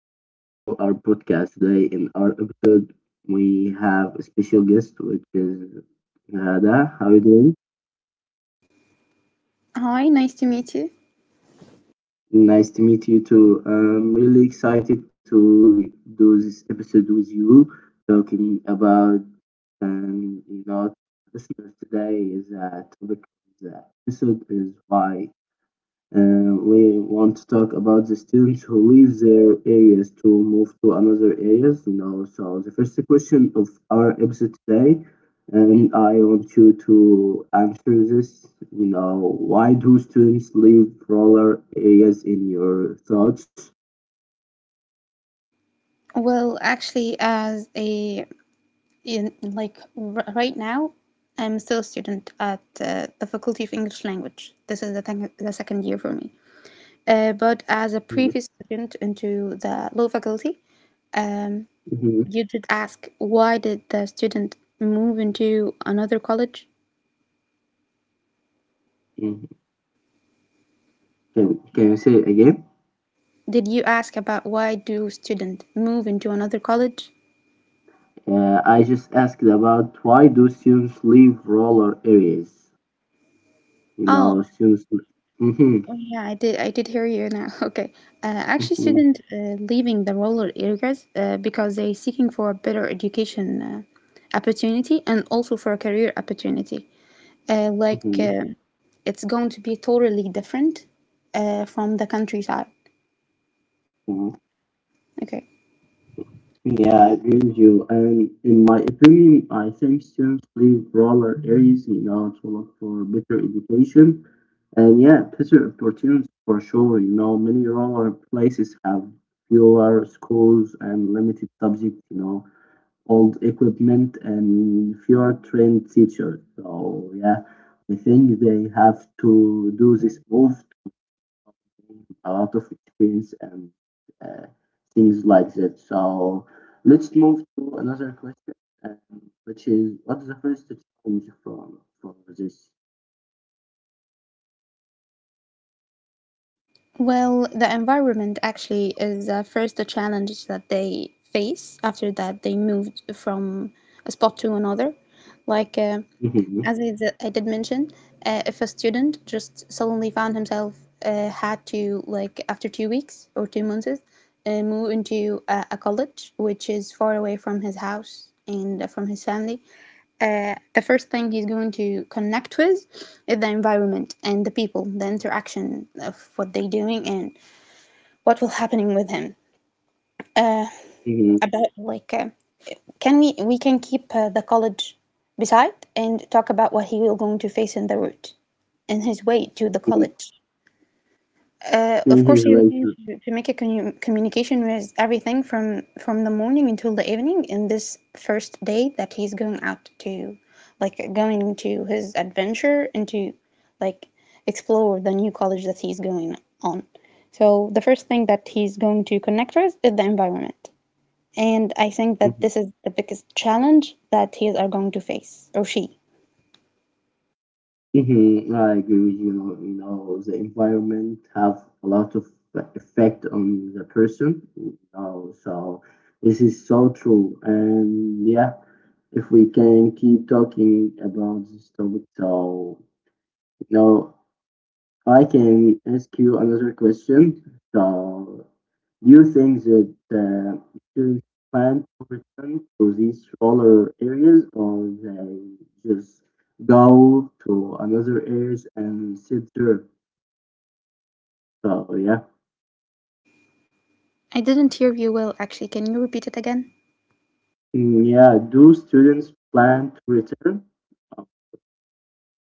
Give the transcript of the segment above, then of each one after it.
to our podcast. Today, in our episode, we have a special guest, which is Hada. How are you doing? Hi, nice to meet you. Nice to meet you too. I'm really excited to do this episode with you, talking about, and you know, listeners, today is a topic of the episode. Is why we want to talk about the students who leave their areas to move to another areas. You know, so the first question of our episode today, and I want you to answer this. You know, why do students leave rural areas in your thoughts? Well, actually, like, r right now, I'm still a student at the Faculty of English Language. This is the second year for me. But as a previous student into the law faculty, um, Mm-hmm. you did ask why did the student move into another college? Can Can you say it again? Did you ask about why do student move into another college? I just asked about why do students leave rural areas? You Oh. know, students. Mm-hmm. Oh, yeah, I did. I did hear you now. Okay, actually, Mm-hmm. students leaving the rural areas because they're seeking for a better education opportunity and also for a career opportunity. Like, Mm-hmm. It's going to be totally different from the countryside. Mm-hmm. Okay. Yeah, I agree with you. And in my opinion, I think students leave rural areas, you know, to look for better education, and yeah, better opportunities for sure. You know, many rural places have fewer schools and limited subjects, you know, old equipment and fewer trained teachers. So yeah, I think they have to do this move, a lot of experience and uh, things like that. So let's move to another question, which is what's the first challenge from for this? Well, the environment actually is first a challenge that they face after that they moved from a spot to another. Like, Hmm. as I did mention, if a student just suddenly found himself had to, like, after 2 weeks or 2 months, move into a college which is far away from his house and from his family, the first thing he's going to connect with is the environment and the people, the interaction of what they're doing and what will happening with him. Hmm. About, like, can we can keep the college beside and talk about what he will going to face in the route, in his way to the Hmm. college. Of In course, his you're way going to. to make a communication with everything from the morning until the evening in this first day that he's going out to, like going to his adventure and to, like, explore the new college that he's going on. So the first thing that he's going to connect with is the environment, and I think that Hmm. this is the biggest challenge that he are going to face or she. Hmm. I agree with you. You know, the environment have a lot of, like, effect on the person. You know, so this is so true. And yeah, if we can keep talking about this topic. So now, I can ask you another question. So, do you think that the insurance plan return to these smaller areas, or they just go to another areas and sit there? So, yeah. I didn't hear you well, actually. Can you repeat it again? Mm, yeah, do students plan to return? uh,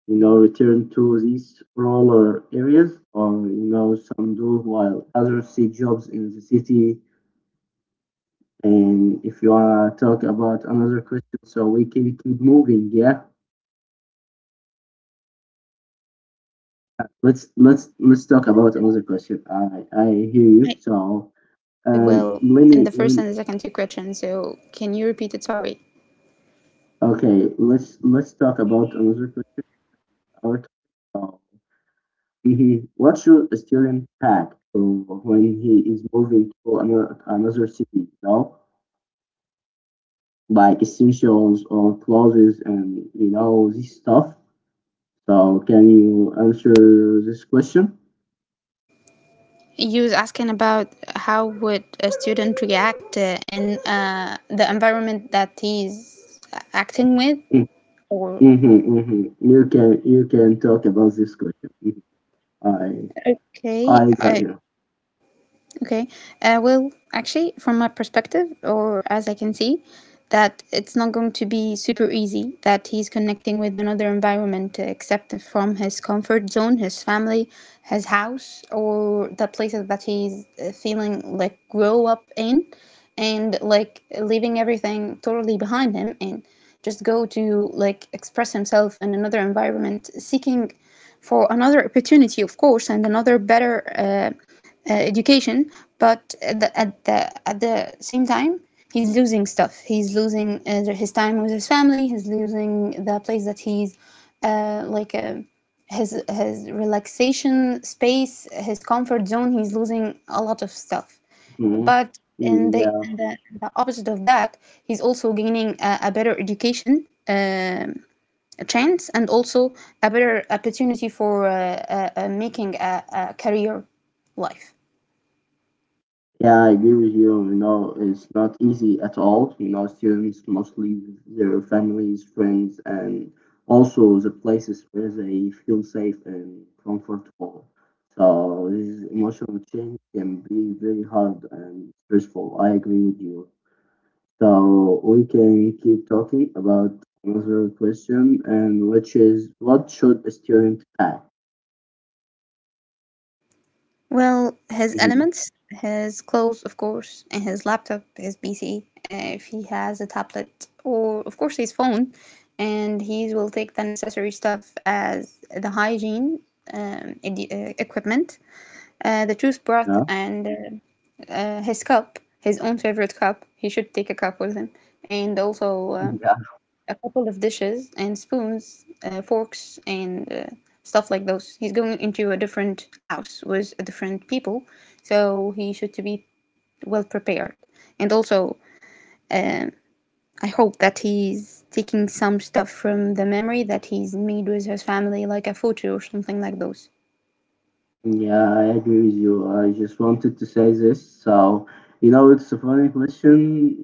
You know, return to these rural areas, or you know, some do while others seek jobs in the city. And if you wanna talk about another question, so we can keep moving. Yeah, let's talk about another question. I hear you. I So couldn't hear you um, well let in me the let first me- and the second two questions, so can you repeat it? Sorry. okay. Let's talk about another question. Our topic. So, mhm, what should a student pack for when he is moving to another city? You know, like essentials or clothes and you know this stuff. So can you answer this question? You was asking about how would a student react in the environment that he's acting with, or Mhm, mhm. You can talk about this question. Mhm. I okay, I got you. okay. Well, actually, from my perspective, or as I can see, that it's not going to be super easy that he's connecting with another environment except from his comfort zone, his family, his house, or the places that he's feeling like grow up in, and like leaving everything totally behind him and just go to like express himself in another environment, seeking for another opportunity, of course, and another better education, but at the same time, he's losing stuff. He's losing his time with his family. He's losing the place that he's like a his his relaxation space, his comfort zone. He's losing a lot of stuff. Mhm. But Mm, yeah, the opposite of that, he's also gaining a better education. A chance and also a better opportunity for making a career life. yeah, I agree with you. You know, it's not easy at all. You know, students mostly leave their families, friends, and also the places where they feel safe and comfortable. So this emotional change can be very hard and stressful. I agree with you. So we can keep talking about another question, and which is, what should a student pack? Well, his Hmm. elements, his clothes, of course, and his laptop, his PC, if he has a tablet, or of course his phone, and he will take the necessary stuff as the hygiene equipment, the toothbrush, Yeah. and his cup, his own favorite cup. He should take a cup with him, and also Yeah. a couple of dishes and spoons, forks, and stuff like those. He's going into a different house with a different people, so he should to be well prepared. And also, um, I hope that he's taking some stuff from the memory that he's made with his family, like a photo or something like those. Yeah, I agree with you. I just wanted to say this. So, you know, it's a funny question.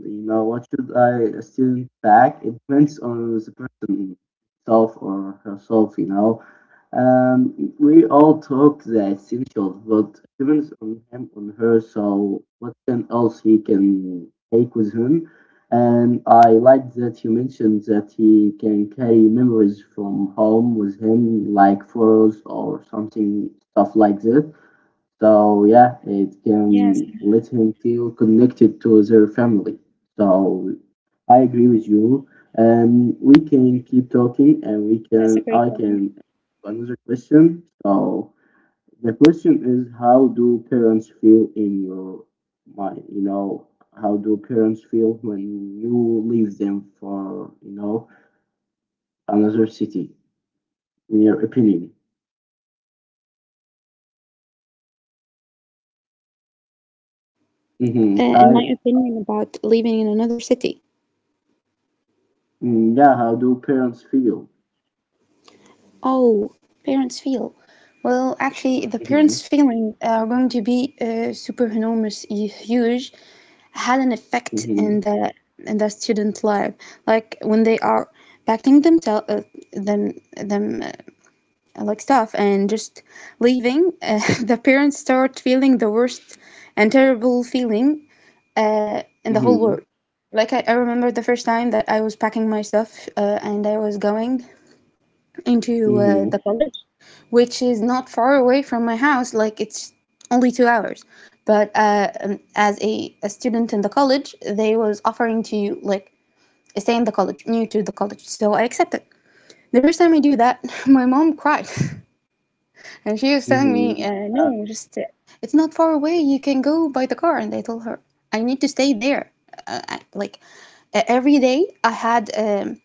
You know, what should I a student pack? It depends on the person himself or herself, you know. We all talk the essentials, but it depends on him on her. So, what can else he can take with him? And I like that you mentioned that he can carry memories from home with him, like photos or something, stuff like that. So, yeah, it can let him feel connected to their family. So, I agree with you. And we can keep talking and we can, I can, another question. So, the question is, how do parents feel in your mind? You know, how do parents feel when you leave them for, you know, another city, in your opinion? Hmm. In I, my opinion, about living in another city. mm, yeah, how do parents feel? Oh, parents feel. Well, actually, the Hmm. parents' feeling are going to be superenormous, huge, had an effect Hmm. in the student life. Like when they are packing themselves, them them like stuff, and just leaving, the parents start feeling the worst and terrible feeling in the whole Hmm. world. Like I remember the first time that I was packing my stuff and I was going into the college, which is not far away from my house. Like it's only 2 hours. But as a student in the college, they was offering to like stay in the college, new to the college. So I accepted. The first time I do that, my mom cried, and she was telling me, Hmm. "No, just it's not far away. You can go by the car." And I told her, "I need to stay there." Like, every day, I had.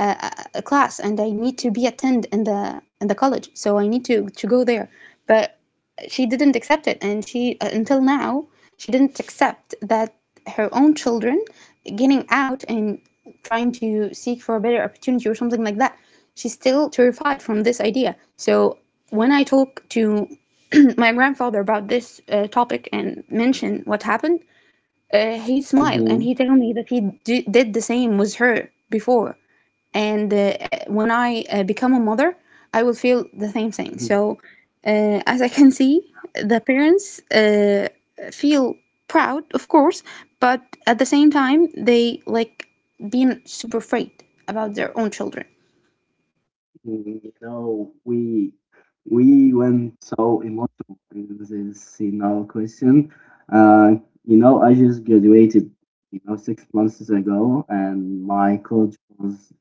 a, a class and I need to be attend in the college, so I need to go there. But she didn't accept it, and she until now she didn't accept that her own children getting out and trying to seek for a better opportunity or something like that. She's still terrified from this idea. So when I talk to my grandfather about this topic and mention what happened, he smiled and Hmm. he told me that he did the same with her before, and when I become a mother, I will feel the same thing. Hmm. So, as I can see, the parents feel proud, of course, but at the same time, they like being super afraid about their own children. You know, we went so emotional in this, you know, question. Uh, you know, I just graduated, you know, 6 months ago, and my college was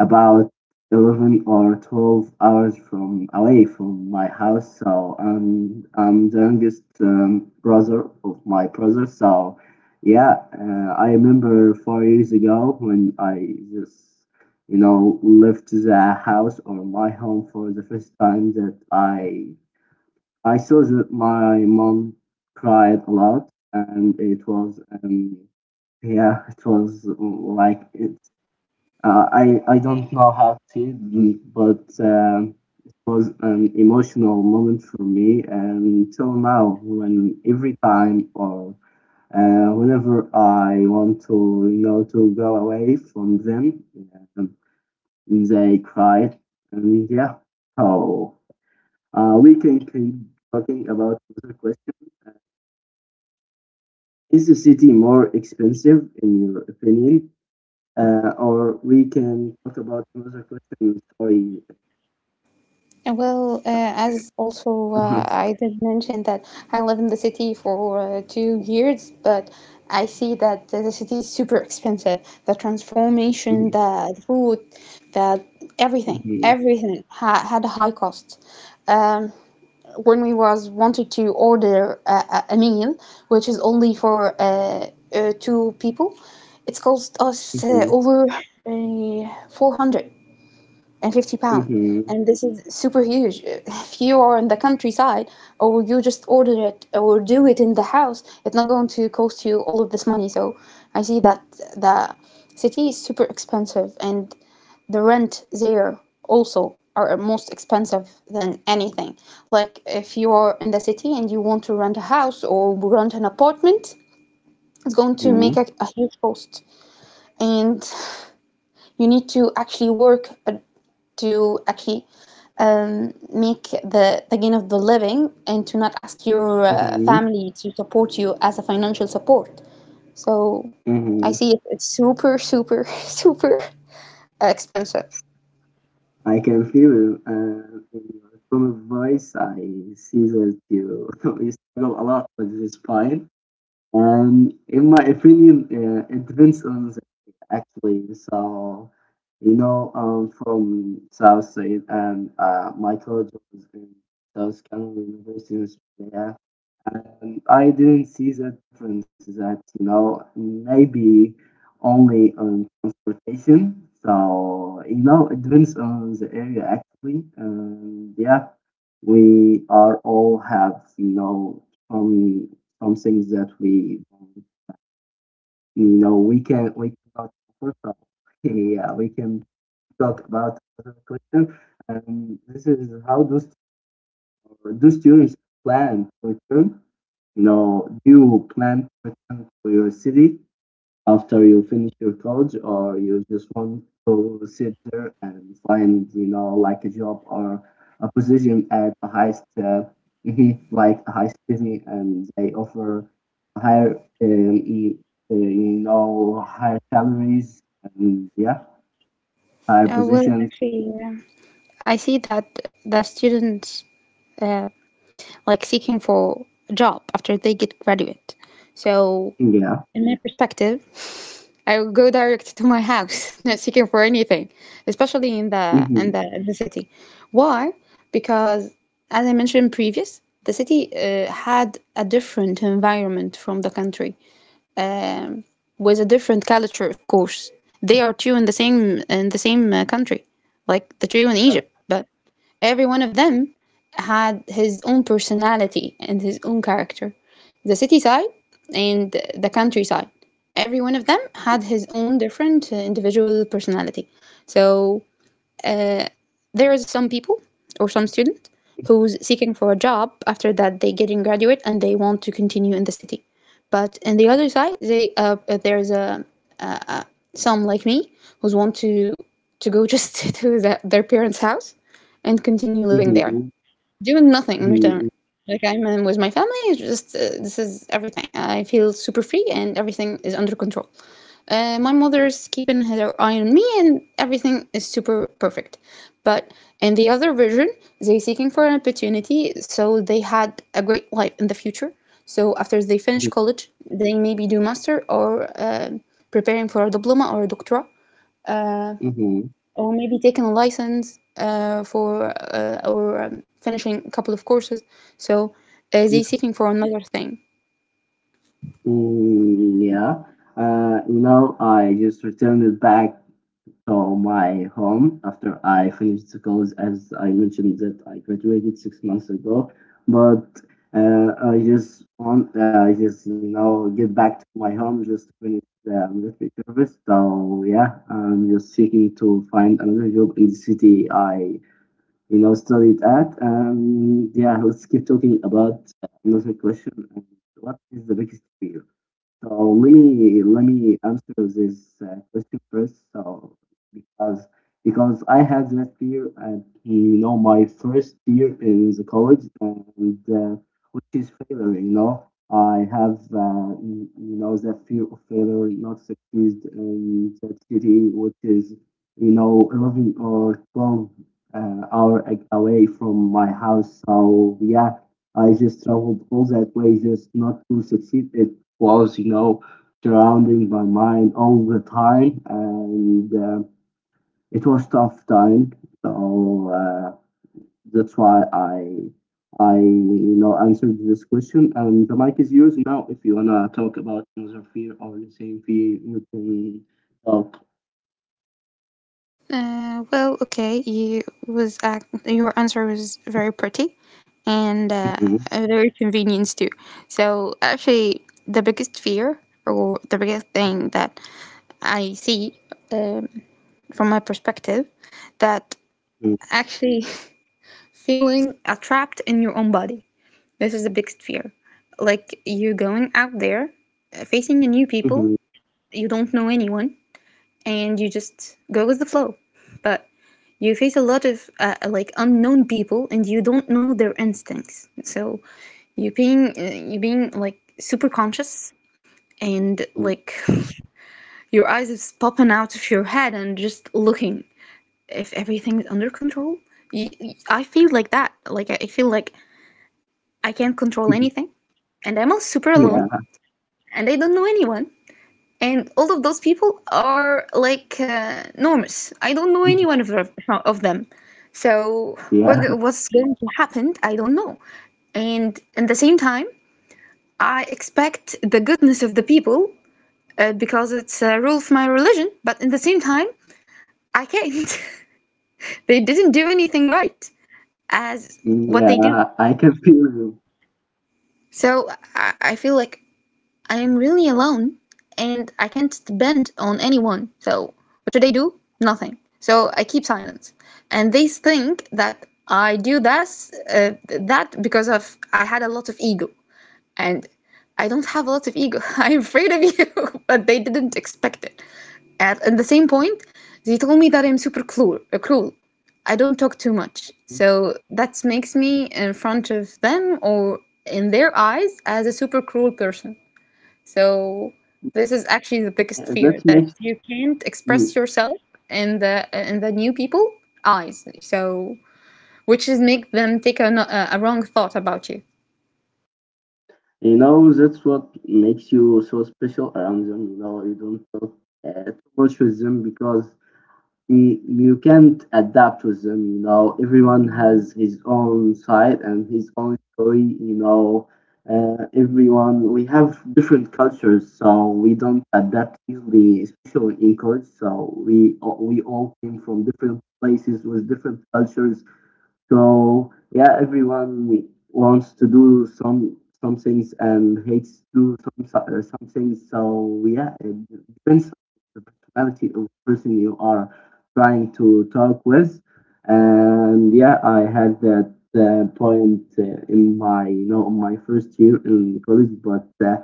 about 11 or 12 hours from away from my house. So I'm the youngest brother of my brother. So yeah, I remember 4 years ago when I just, you know, left the house or my home for the first time that I saw that my mom cried a lot, and it was yeah, it was like it, I don't know how to say it, but it was an emotional moment for me, and till now, when every time or whenever I want to, you know, to go away from them, um, they cry, and yeah. So we can keep talking about another question. Is the city more expensive, in your opinion? Or we can talk about another question. Sorry. Well, as also Mhm, I did mention that I live in the city for 2 years, but I see that the city is super expensive. The transformation, mhm, the food, the everything, mhm, everything ha had a high cost. Um, when we was wanted to order a meal, which is only for two people, it's cost us mhm, over 400 and 50 pound, mhm, and this is super huge if you are in the countryside, or you just order it or do it in the house, it's not going to cost you all of this money. So I see that the city is super expensive, and the rent there also are most expensive than anything. Like, if you are in the city and you want to rent a house or rent an apartment, it's going to make mhm, a huge cost. And you need to actually work to actually make the gain of the living and to not ask your mhm, family to support you as a financial support. So I mhm. see it, it's super, super, super expensive. I can feel you in your tone of voice. I see that you you struggle a lot with this spine. And in my opinion, it depends on the actually. So you know, from South Side, and my college was in South Carolina University in Australia. I didn't see the difference that, you know, maybe only on transportation. So, you know, it depends on the area actually. And yeah, we are all have, you know, some some things that we, you know, we cannot talk about. Yeah, we can talk about other question. And this is how those do students plan for term, no, do you plan to return to your city after you finish your college, or you just want to sit there and find, you know, like a job or a position at a highest, mhm, like a high city, and they offer higher, you know, higher salaries, and yeah, higher Well, positions. actually, yeah. I see that the students uh, like seeking for a job after they get graduate. So, Yeah. in my perspective, I will go direct to my house, not seeking for anything, especially in the Hmm. City. Why? Because as I mentioned previous, the city had a different environment from the country, um, with a different culture, of course. They are two in the same country, like the two in Egypt. But every one of them had his own personality and his own character. The city side and the countryside. Every one of them had his own different individual personality. So uh, there is some people or some student who's seeking for a job after that they get in graduate and they want to continue in the city, but on the other side, they there's some like me who's want to go just to their parents house and continue living there Hmm. doing nothing in return. Hmm. Like, I'm with my family, it's just this is everything. I feel super free and everything is under control. My mother's keeping her eye on me and everything is super perfect. But in the other version, they're seeking for an opportunity, so they had a great life in the future. So after they finish Hmm. college, they maybe do master or uh, preparing for a diploma or a doctorate, uh, Hmm. or maybe taking a license for or finishing a couple of courses. So they're seeking for another thing. Mm, yeah, you know, I just returned it back to my home after I finished the college, as I mentioned that I graduated 6 months ago. But I just you know get back to my home just to finish the military service. So yeah, I'm just seeking to find another job in the city I you know studied at. And yeah, let's keep talking about another question. What is the biggest fear? So let me answer this question first. So because because I had that fear, and you know, my first fear is the college, and which is failure. You know, I have you know that fear of failure, not succeed in that city, which is you know 11 or 12 hour away from my house. So yeah. I just traveled all that way just not to succeed was, you know, surrounding my mind all the time, and it was tough time. So that's why I you know answered this question, and the mic is yours now. If you wanna talk about another fear or the same fear, you can talk. Well, okay, you was your answer was very pretty and very convenient too. So actually, the biggest fear or the biggest thing that I see, um, from my perspective, that actually feeling trapped in your own body. This is the biggest fear. Like you going out there, facing new people, you don't know anyone, and you just go with the flow. But you face a lot of like unknown people, and you don't know their instincts. So you being like super conscious, and like your eyes is popping out of your head, and just looking if everything's under control. You, I feel like that. Like I feel like I can't control anything, and I'm all super alone, Yeah, and I don't know anyone. And all of those people are like enormous. I don't know any one of of them. So what yeah, what's going to happen? I don't know. And at the same time, I expect the goodness of the people because it's a rule of my religion. But at the same time, I can't. They didn't do anything right as mm, what they do. yeah. I can feel you. So I feel like I'm really alone and I can't depend on anyone. So, what should I do? Nothing. So, I keep silence. And they think that I do this, that because of I had a lot of ego. And I don't have a lot of ego. I'm afraid of you, but they didn't expect it. At the same point, they told me that I'm super cruel. I don't talk too much. So that makes me in front of them, or in their eyes, as a super cruel person. So this is actually the biggest Yeah, fear, that's that next. you can't express yourself in the new people eyes. So which is make them take a, no- a wrong thought about you. You know, that's what makes you so special around them. You know, you don't talk too much with them because you can't adapt with them. You know, everyone has his own side and his own story. You know, everyone, we have different cultures, so we don't adapt easily, especially in college. So we all came from different places with different cultures. So yeah, everyone wants to do some things and hates to do some, some things. So yeah, it depends on the personality of the person you are trying to talk with. And yeah, I had that point in my you know in my first year in college, but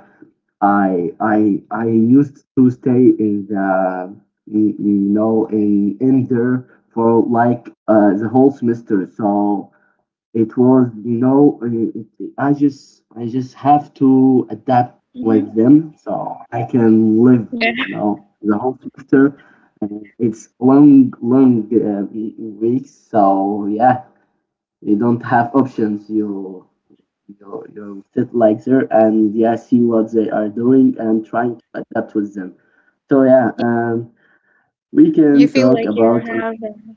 I used to stay in the you know in there for like the whole semester. So it was you know I just have to adapt with them so I can live you know the whole semester. And it's long long weeks. So yeah, you don't have options. You your fit like there, and yeah see what they are doing and trying to adapt with them. So yeah, we You can feel talk like you about. have a-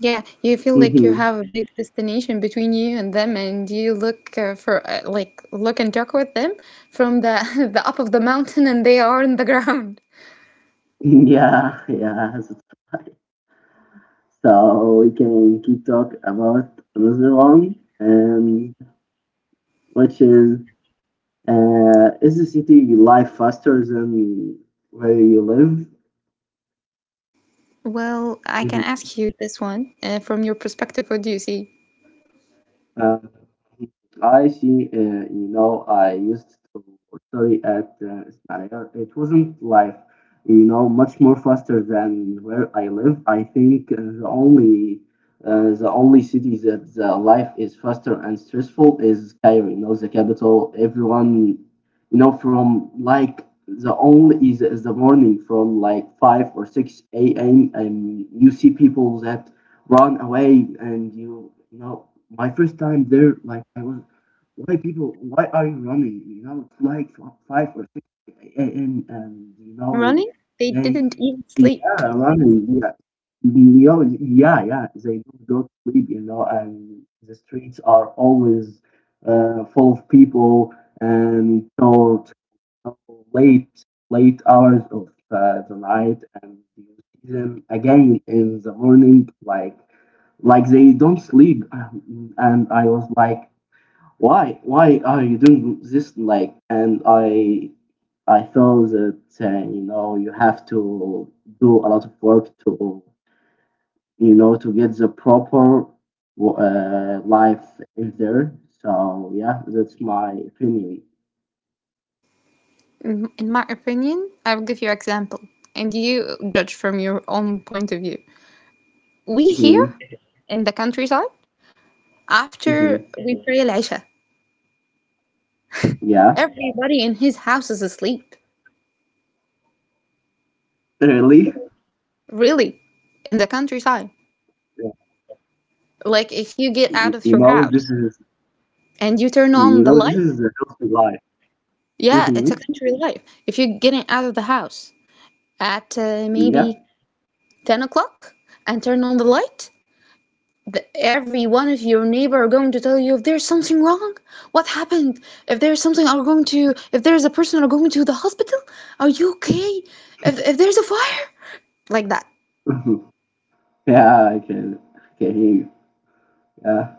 Yeah, you feel like you Yeah. have a big destination between you and them, and you look for like look and talk with them from the the up of the mountain, and they are in the ground. Yeah, that's right. So we can keep talk about another one, um which is the city life faster than where you live? Well, I can ask you this one from your perspective. What do you see? Uh, I see, you know, I used to study at Ismail. It wasn't like, you know, much more faster than where I live. I think the only, the only city that the life is faster and stressful is Cairo, you know, the capital. Everyone, you know, from like the only, is the morning from like 5 or 6 a.m. And you see people that run away, and my first time there, like I was, why are you running? You know, it's like 5 or 6 a.m. And you know Running? They they... didn't even sleep. Yeah, running, yeah. Yeah, yeah, they don't go to sleep, you know. And the streets are always full of people and so know, late hours of the night, and you see them again in the morning like they don't sleep. And I was like, why are you doing this? Like, and I thought that you know, you have to do a lot of work to, you know, to get the proper life in there. So yeah, that's my opinion. In my opinion, I'll give you example, and you judge from your own point of view. We here Mhm, in the countryside, after mhm. we pray al-Isha, Yeah. everybody in his house is asleep. Really? Really, in the countryside. Yeah. Like if you get out of You your know, this house is, and you turn you on the know, this light, is the healthy life. yeah, it's Hmm. a country life. If you're getting out of the house at Yeah. maybe 10 o'clock and turn on the light, every one of your neighbor are going to tell you if there's something wrong, what happened, if there's something are going to, if there's a person are going to the hospital, are you okay, if there's a fire, like that, Yeah, I in can the hear you. countryside. Yeah.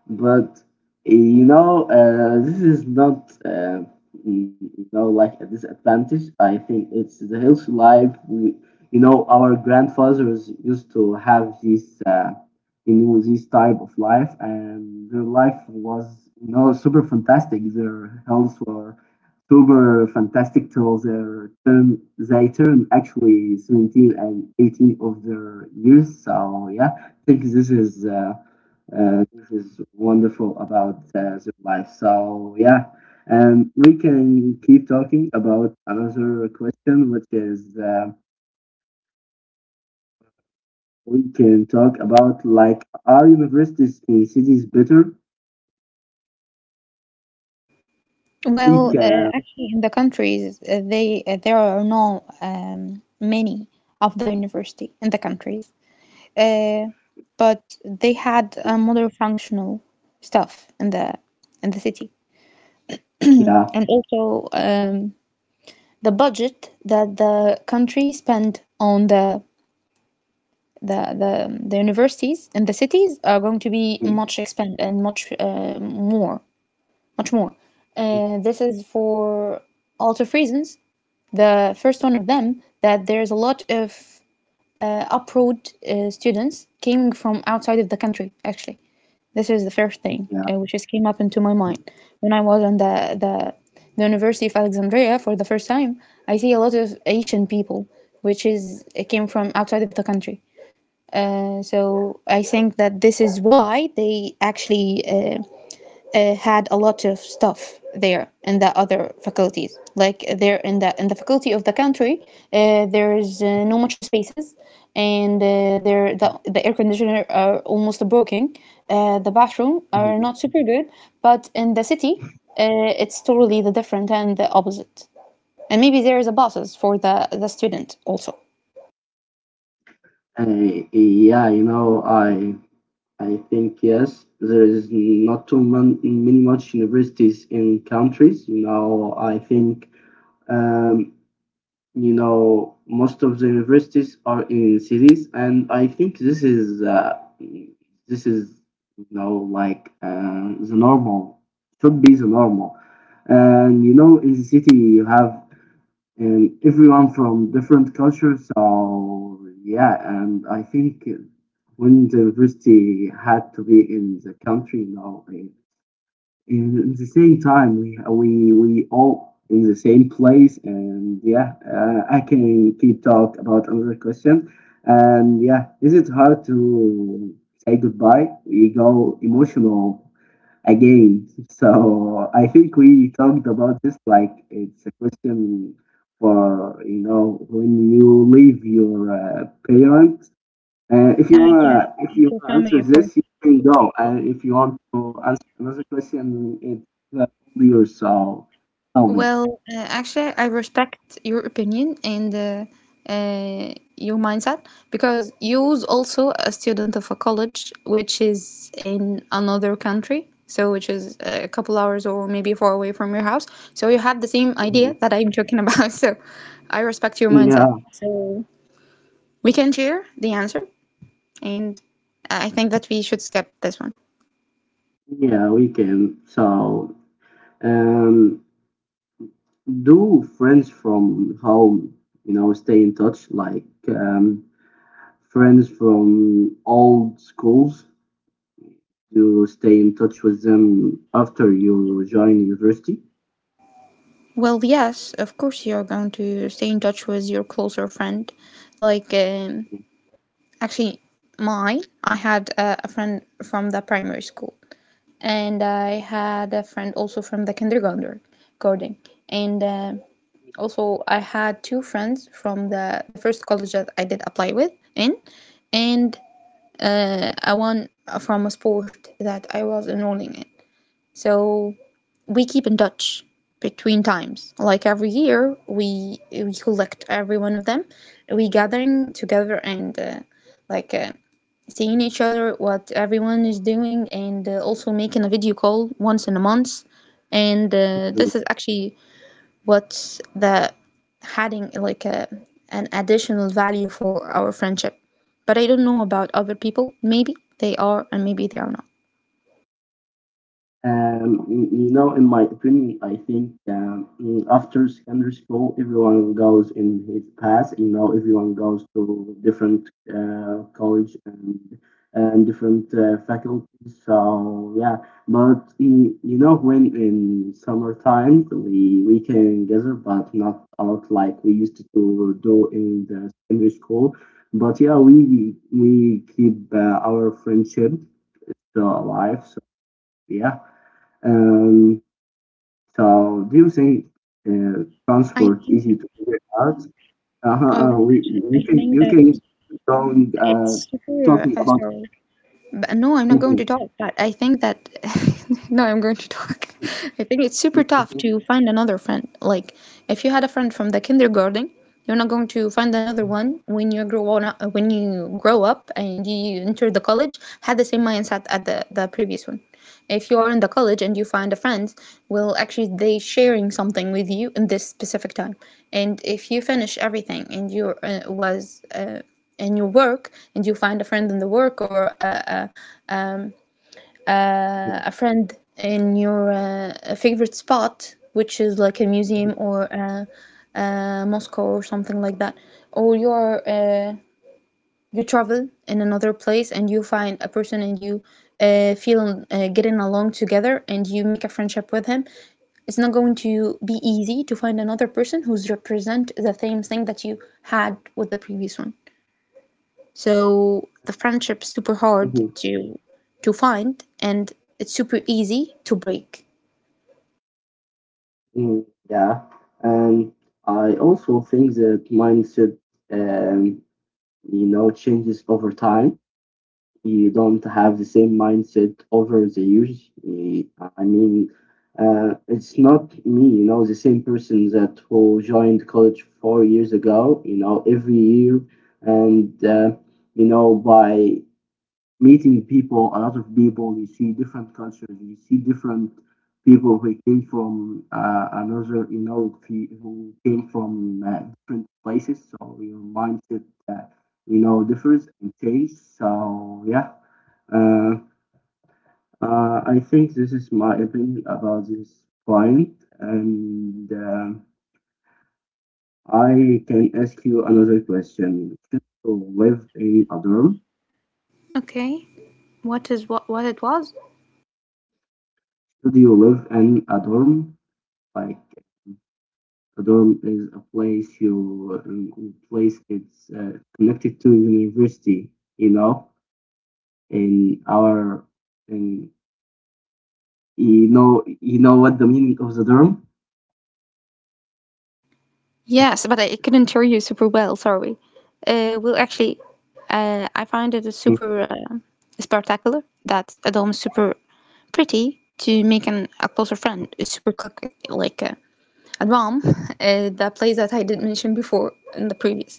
So it's a But totally you different know, story this from is the the, not the city side. you In the city know, side, as like you a did mention, disadvantage. I think it's they the go healthy super life. fast, We, they you still know, wake our up, they grandfathers didn't used sleep. to have this, you know, this type of life, and their life was, you know, super fantastic. Their health were super fantastic till their term. They turn actually 17 and 18 of their years. So yeah, I think this is. This is wonderful about their life. So yeah, and we can keep talking about another question, which is we can talk about, like, are universities in cities better? I Well, think actually, in the countries, they there are no many of the university in the countries, uh, but they had a model functional stuff in the city, Yeah, and also the budget that the country spend on the universities and the cities are going to be much expand and much much more. This is for a lot of reasons. The first one of them, that there's a lot of abroad students coming from outside of the country. Actually, this is the first thing yeah. Which just came up into my mind. When I was on the university of Alexandria for the first time, I see a lot of Asian people, which is it came from outside of the country. So I think that this is why they actually uh, had a lot of stuff there in the other faculties. Like there in the faculty of the country, there's no much spaces, and there the air conditioner are almost broken. The bathroom are not super good, but in the city, it's totally the different and the opposite. And maybe there is a buses for the student also. Uh, yeah, you know, I think yes, there is not too many much universities in countries. You know, I think, um, you know, most of the universities are in cities, and I think this is you know, like, the normal, should be the normal. And you know, in the city you have, everyone from different cultures. So yeah. And I think when the university had to be in the country, you know, in the same time we all in the same place. And yeah, I can keep talk about another question. And yeah, is it hard to say goodbye? We go emotional again. So I think we talked about this, like it's a question for, you know, when you leave your parents. If Uh, you yes, wanna, if and you for wanna answer family, of course. this, you can go. And if you want to answer another question, it's all yours. So tell me. Well, actually, I respect your opinion and your mindset, because you was also a student of a college which is in another country, so which is a couple hours or maybe far away from your house. So you had the same idea Mhm. that I'm talking about. So I respect your mindset. Yeah, So we can share the answer, and I think that we should skip this one. yeah, we can. So, um, do friends from home, you know, stay in touch, like, friends from old schools, you stay in touch with them after you join university? Well, yes, of course you're going to stay in touch with your closer friend, like. Actually, mine, I had a friend from the primary school, and I had a friend also from the kindergarten, and also I had two friends from the first college that I did apply with in. And a one from a sport that I was enrolling in. So we keep in touch between times. Like every year, we collect every one of them, we gathering together, and like seeing each other, what everyone is doing, and also making a video call once in a month. And this is actually what the adding like an additional value for our friendship. But I don't know about other people. Maybe they are, and maybe they are not. You know, in my opinion, I think, after secondary school, everyone goes in his path. You know, everyone goes to different college and different faculties. So yeah, but you know, when in summer times we can gather, but not out like we used to do in the secondary school. But yeah, we keep our friendship still alive. So yeah. Um, so do you think uh, I transport think. easy to figure out? Uh-huh. Oh well, we actually, I You can think you that can keep going it's super. talking about. Sorry. But no, I'm not going Mhm, to talk. But I think that no, I'm going to talk. I think it's super tough mhm, to find another friend. Like if you had a friend from the kindergarten, you're not going to find another one when you grow up and you enter the college had the same mindset at the previous one. If you are in the college and you find a friend, well, actually they sharing something with you in this specific time. And if you finish everything and you was in your work and you find a friend in the work or a mhm, uh, a friend in your favorite spot, which is like a museum or a, a mosque or something like that, or you travel in another place and you find a person and you feel getting along together and you make a friendship with him. It's not going to be easy to find another person who's represent the same thing that you had with the previous one. So the friendship's super hard mhm, to find, and it's super easy to break. mhm. Yeah, and I also think that mindset, um, you know, changes over time. You don't have the same mindset over the years. I mean, it's not me, you know, the same person that who joined college four years ago. You know, every year, and you know, by meeting people, a lot of people. You see different cultures. You see different people who came from, another, you know, who came from different places. So your mindset, you know, differs and changes. So yeah, uh, I think this is my opinion about this point. And I can ask you another question. Should you live in a dorm? Okay. What is what it was? Should you live in a dorm? Like, a dorm is a place you, place, it's connected to the university, you know, in our in you know, you know what the meaning of the dorm. Yes, but I couldn't hear you super well, sorry. Well, actually, I find it super spectacular, that a dome is super pretty to make a closer friend is super quick, like a dom, the place that I did mention before in the previous.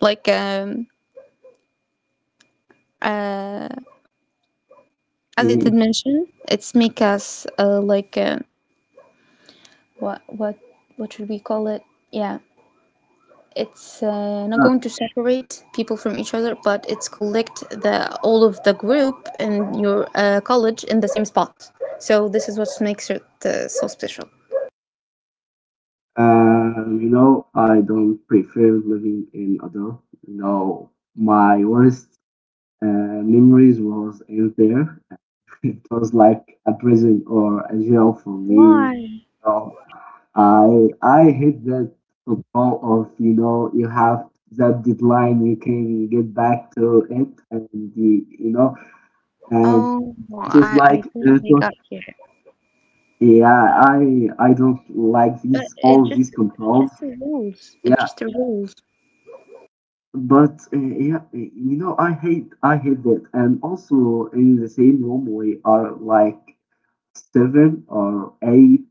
Like uh, as I did Mhm. mention, it's make us like what what what should we call it? Yeah, it's not going to separate people from each other, but it's collect the all of the group in your college in the same spot. So this is what makes it so special. You know, I don't prefer living in a dorm. You know, my worst memories was in there. It was like a prison or a jail for me. Why? I hate that football of, you know, you have that deadline you can get back to it and the, you know, and Oh, well, it was I like it barely was, got here, yeah, I don't like but these it all just these it's controls. just the rules. It's Yeah, just the rules. but yeah, you know, I hate that. And also in the same room we are like seven or eight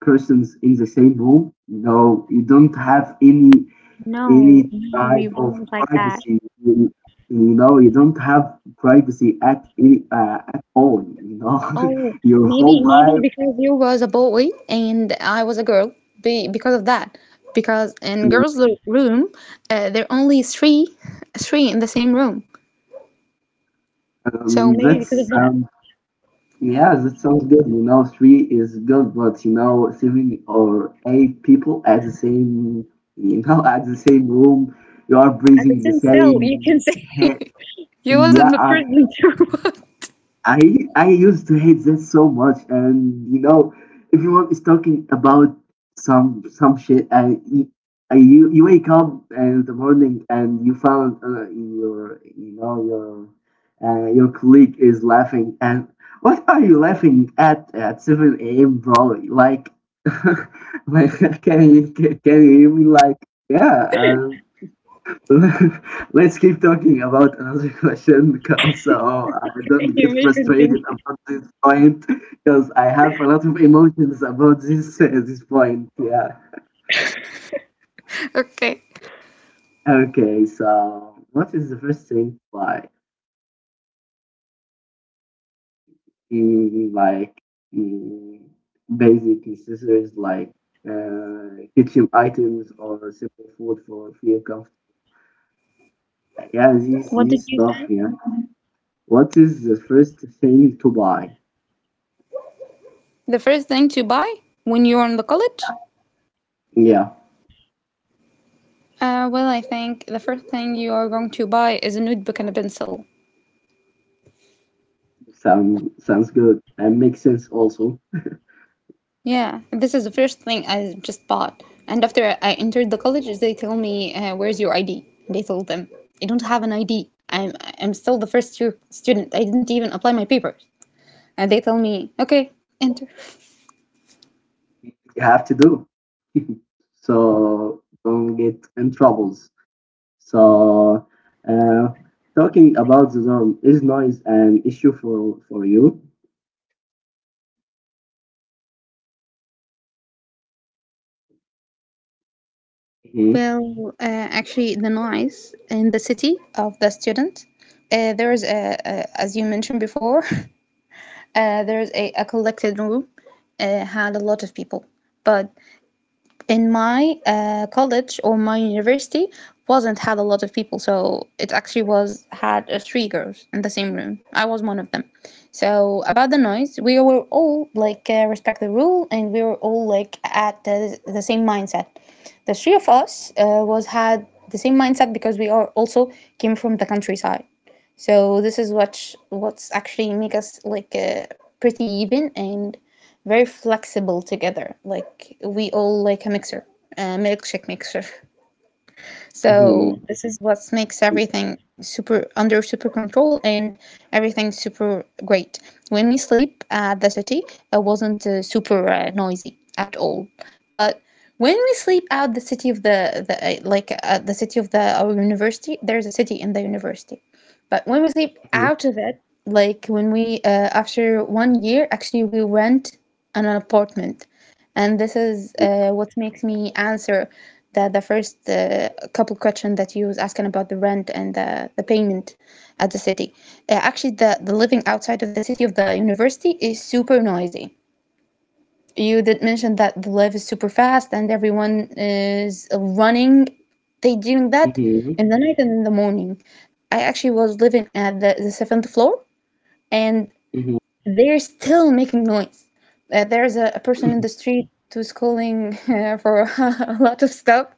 persons in the same room. You know, you don't have No, any no, type we of wasn't like that. privacy. You know, you don't have privacy at any at all. You know, Oh, your maybe whole maybe life. because you was a boy and I was a girl. Be because of that, because in girls' room, there are only three in the same room. So maybe because of That's that, Yeah, that sounds good. You know, three is good, but you know, seven or eight people at the same, you know, at the same room, you are at the breathing the same cell, you same. can say you was in Yeah, the prison too. I I used to hate that so much. And you know, everyone is talking about some shit. I You wake up in the morning and you found your, you know, your colleague is laughing, and what are you laughing at seven a.m., bro? Like, like, can you hear me? Like, yeah. Let's keep talking about another question, because oh, I don't get frustrated wasn't. about this point because I have a lot of emotions about this this point. Yeah. Okay. Okay. So, what is the first thing, like, in like in basic necessities like kitchen items or simple food for feel comfortable? Yeah, these What did these you stuff. say? Yeah. What is the first thing to buy? The first thing to buy when you're in the college? Yeah. Well, I think the first thing you are going to buy is a notebook and a pencil. Sound sounds good and makes sense also. Yeah, this is the first thing I just bought. And after I entered the college, they tell me, "Where's your ID?" And I told them, "I don't have an ID. I'm still the first year student. I didn't even apply my papers." And they tell me, "Okay, enter." You have to do. So don't get in troubles. So uh, talking about the dorm, is noise an issue for you? Mhm, Well, actually, the noise in the city of the student, there is a as you mentioned before, there is a collected room had a lot of people, but in my college or my university wasn't had a lot of people, so it actually was had three girls in the same room, I was one of them. So about the noise, we were all like respect the rule, and we were all like at the same mindset. The three of us was had the same mindset, because we are also came from the countryside. So this is what's actually make us like pretty even and very flexible together. Like we all like a mixer, a milkshake mixer. So mhm, this is what makes everything super under super control and everything super great. When we sleep at the city, it wasn't super noisy at all. But when we sleep out the city of the city of the our university, there's a city in the university. But when we sleep mhm, out of it, like when we after 1 year, actually we rent an apartment, and this is what makes me answer the first couple question that you was asking about the rent and the payment at the city. Actually, the living outside of the city of the university is super noisy. You did mention that the life is super fast and everyone is running. They doing mhm, that mhm, in the night and in the morning. I actually was living at the seventh floor, and mhm. they're still making noise. There's a person in the street who's calling for a lot of stuff,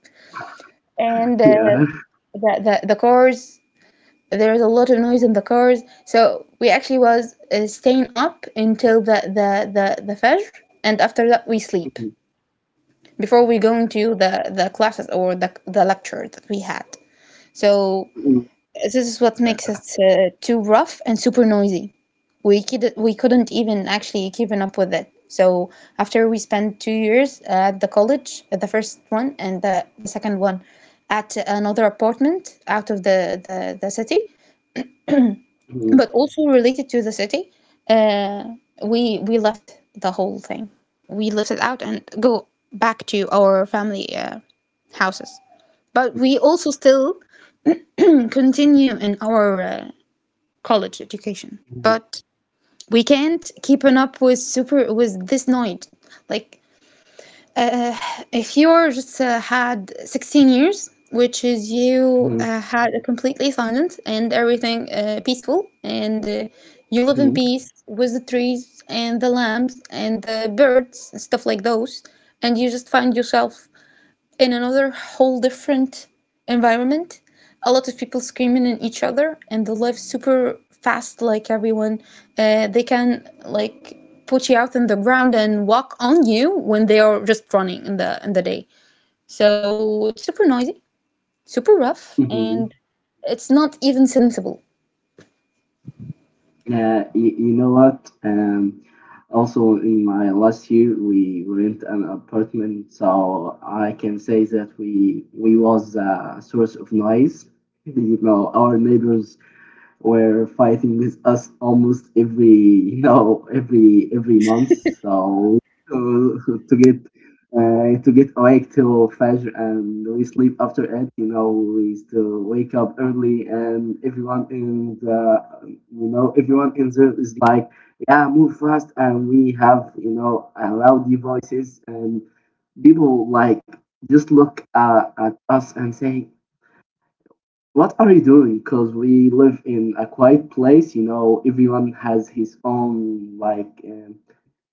and Yeah. the cars. There's a lot of noise in the cars. So we actually was staying up until the fajr, and after that we sleep before we go into the classes or the lecture that we had. So Mhm, mhm. this is what makes Yeah. it too rough and super noisy. We couldn't even actually keeping up with it. So after we spent 2 years at the college, at the first one and the second one, at another apartment out of the city, Mhm, but also related to the city, uh, we left the whole thing. We left it out and go back to our family houses. But we also still continue in our college education, mhm, but we can't keeping up with super with this noise. Like if you're just had 16 years, which is you mhm, had a completely silent and everything peaceful, and you live in mhm, peace with the trees and the lamps and the birds and stuff like those, and you just find yourself in another whole different environment. A lot of people screaming at each other, and they live super fast. Like everyone, they can like put you out on the ground and walk on you when they are just running in the day. So it's super noisy, super rough, mhm. and it's not even sensible. You, you know what? Also, in my last year, we rent an apartment, so I can say that we was a source of noise. You know, our neighbors were fighting with us almost every you know every month. So to, to get to get awake till Fajr and we sleep after it. You know, we still wake up early and everyone in there is like, yeah, move fast, and we have, you know, loudy voices, and people like just look at us and say, what are you doing? Because we live in a quiet place. You know, everyone has his own, like,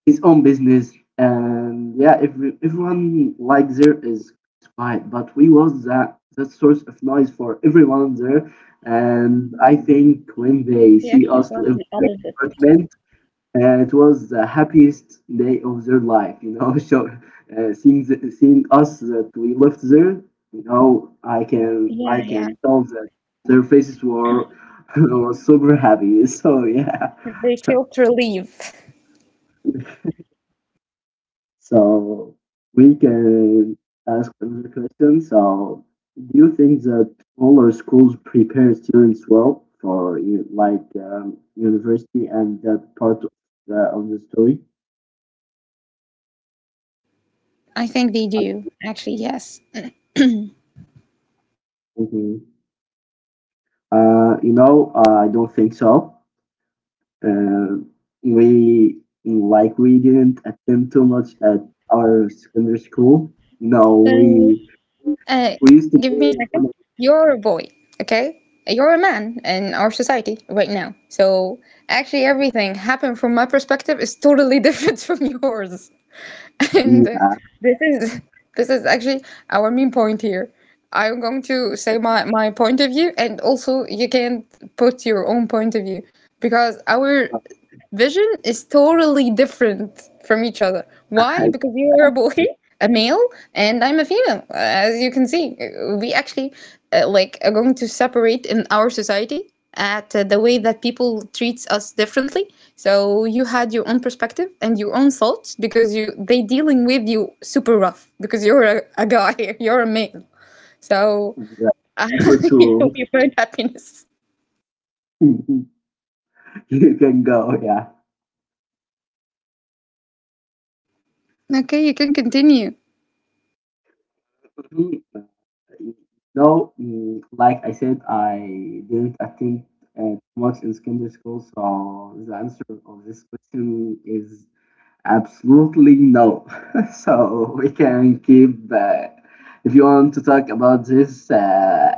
his own business. And yeah, everyone, like, there is quiet. But we was that, that source of noise for everyone there. And I think when they He see actually us does live the in opposite. apartment, and it was the happiest day of their life. You know, so seeing us that we left there, you know, I can I Yeah, yeah. can tell that their faces were were super happy. So yeah, They feel to leave. so we can ask another question. So, do you think that smaller schools prepare students well for you, like, university and that part of of the story? I think they do, actually, yes. Mhm. You know, I don't think so. Uh, we, like, we didn't attend too much at our secondary school. No, So Uh, we used to Give me a go on second. You're a boy, okay? You're a man in our society right now. So actually, everything happened from my perspective is totally different from yours. And the this is this is actually our main point here. I'm going to say my point of view, and also you can't put your own point of view because our uh, vision is totally different from each other. Why? hikers, Because you are a boy, a male, and I'm a female. As you can see. We actually like are going to separate in our society at the way that people treats us differently. So you had your own perspective and your own thoughts because you they dealing with you super rough because you're a guy, you're a male. So the uh, river you tour. you find happiness. You can go, yeah. Okay, you can continue. Mhm. No, mm, like I said, I didn't attend much in secondary school, so the answer of this question is absolutely no. So we can keep. If you want to talk about this,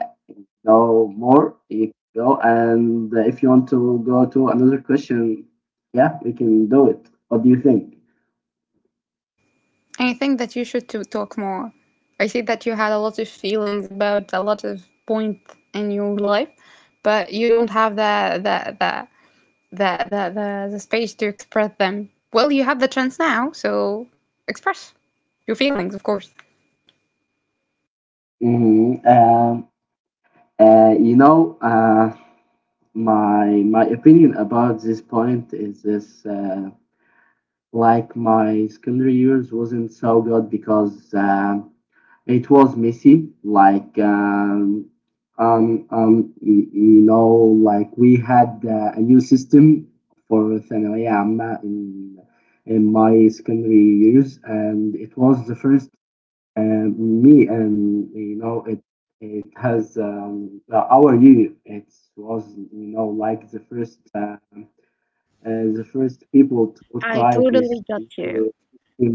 no more. You can go, and if you want to go to another question, yeah, we can do it. What do you think? I think that you should to talk more. I see that you had a lot of feelings about a lot of points in your life, but you don't have the space to express them. Well, you have the chance now, so express your feelings, of course. Hmm. You know, my my opinion about this point is this. Like, my secondary years wasn't so good, because it was messy. Like, you, you know, like we had a new system for ثانوية عامة in my secondary years, and it was the first, me and you know it it has, our year. It was, you know, like the first. The first people to I try totally this got you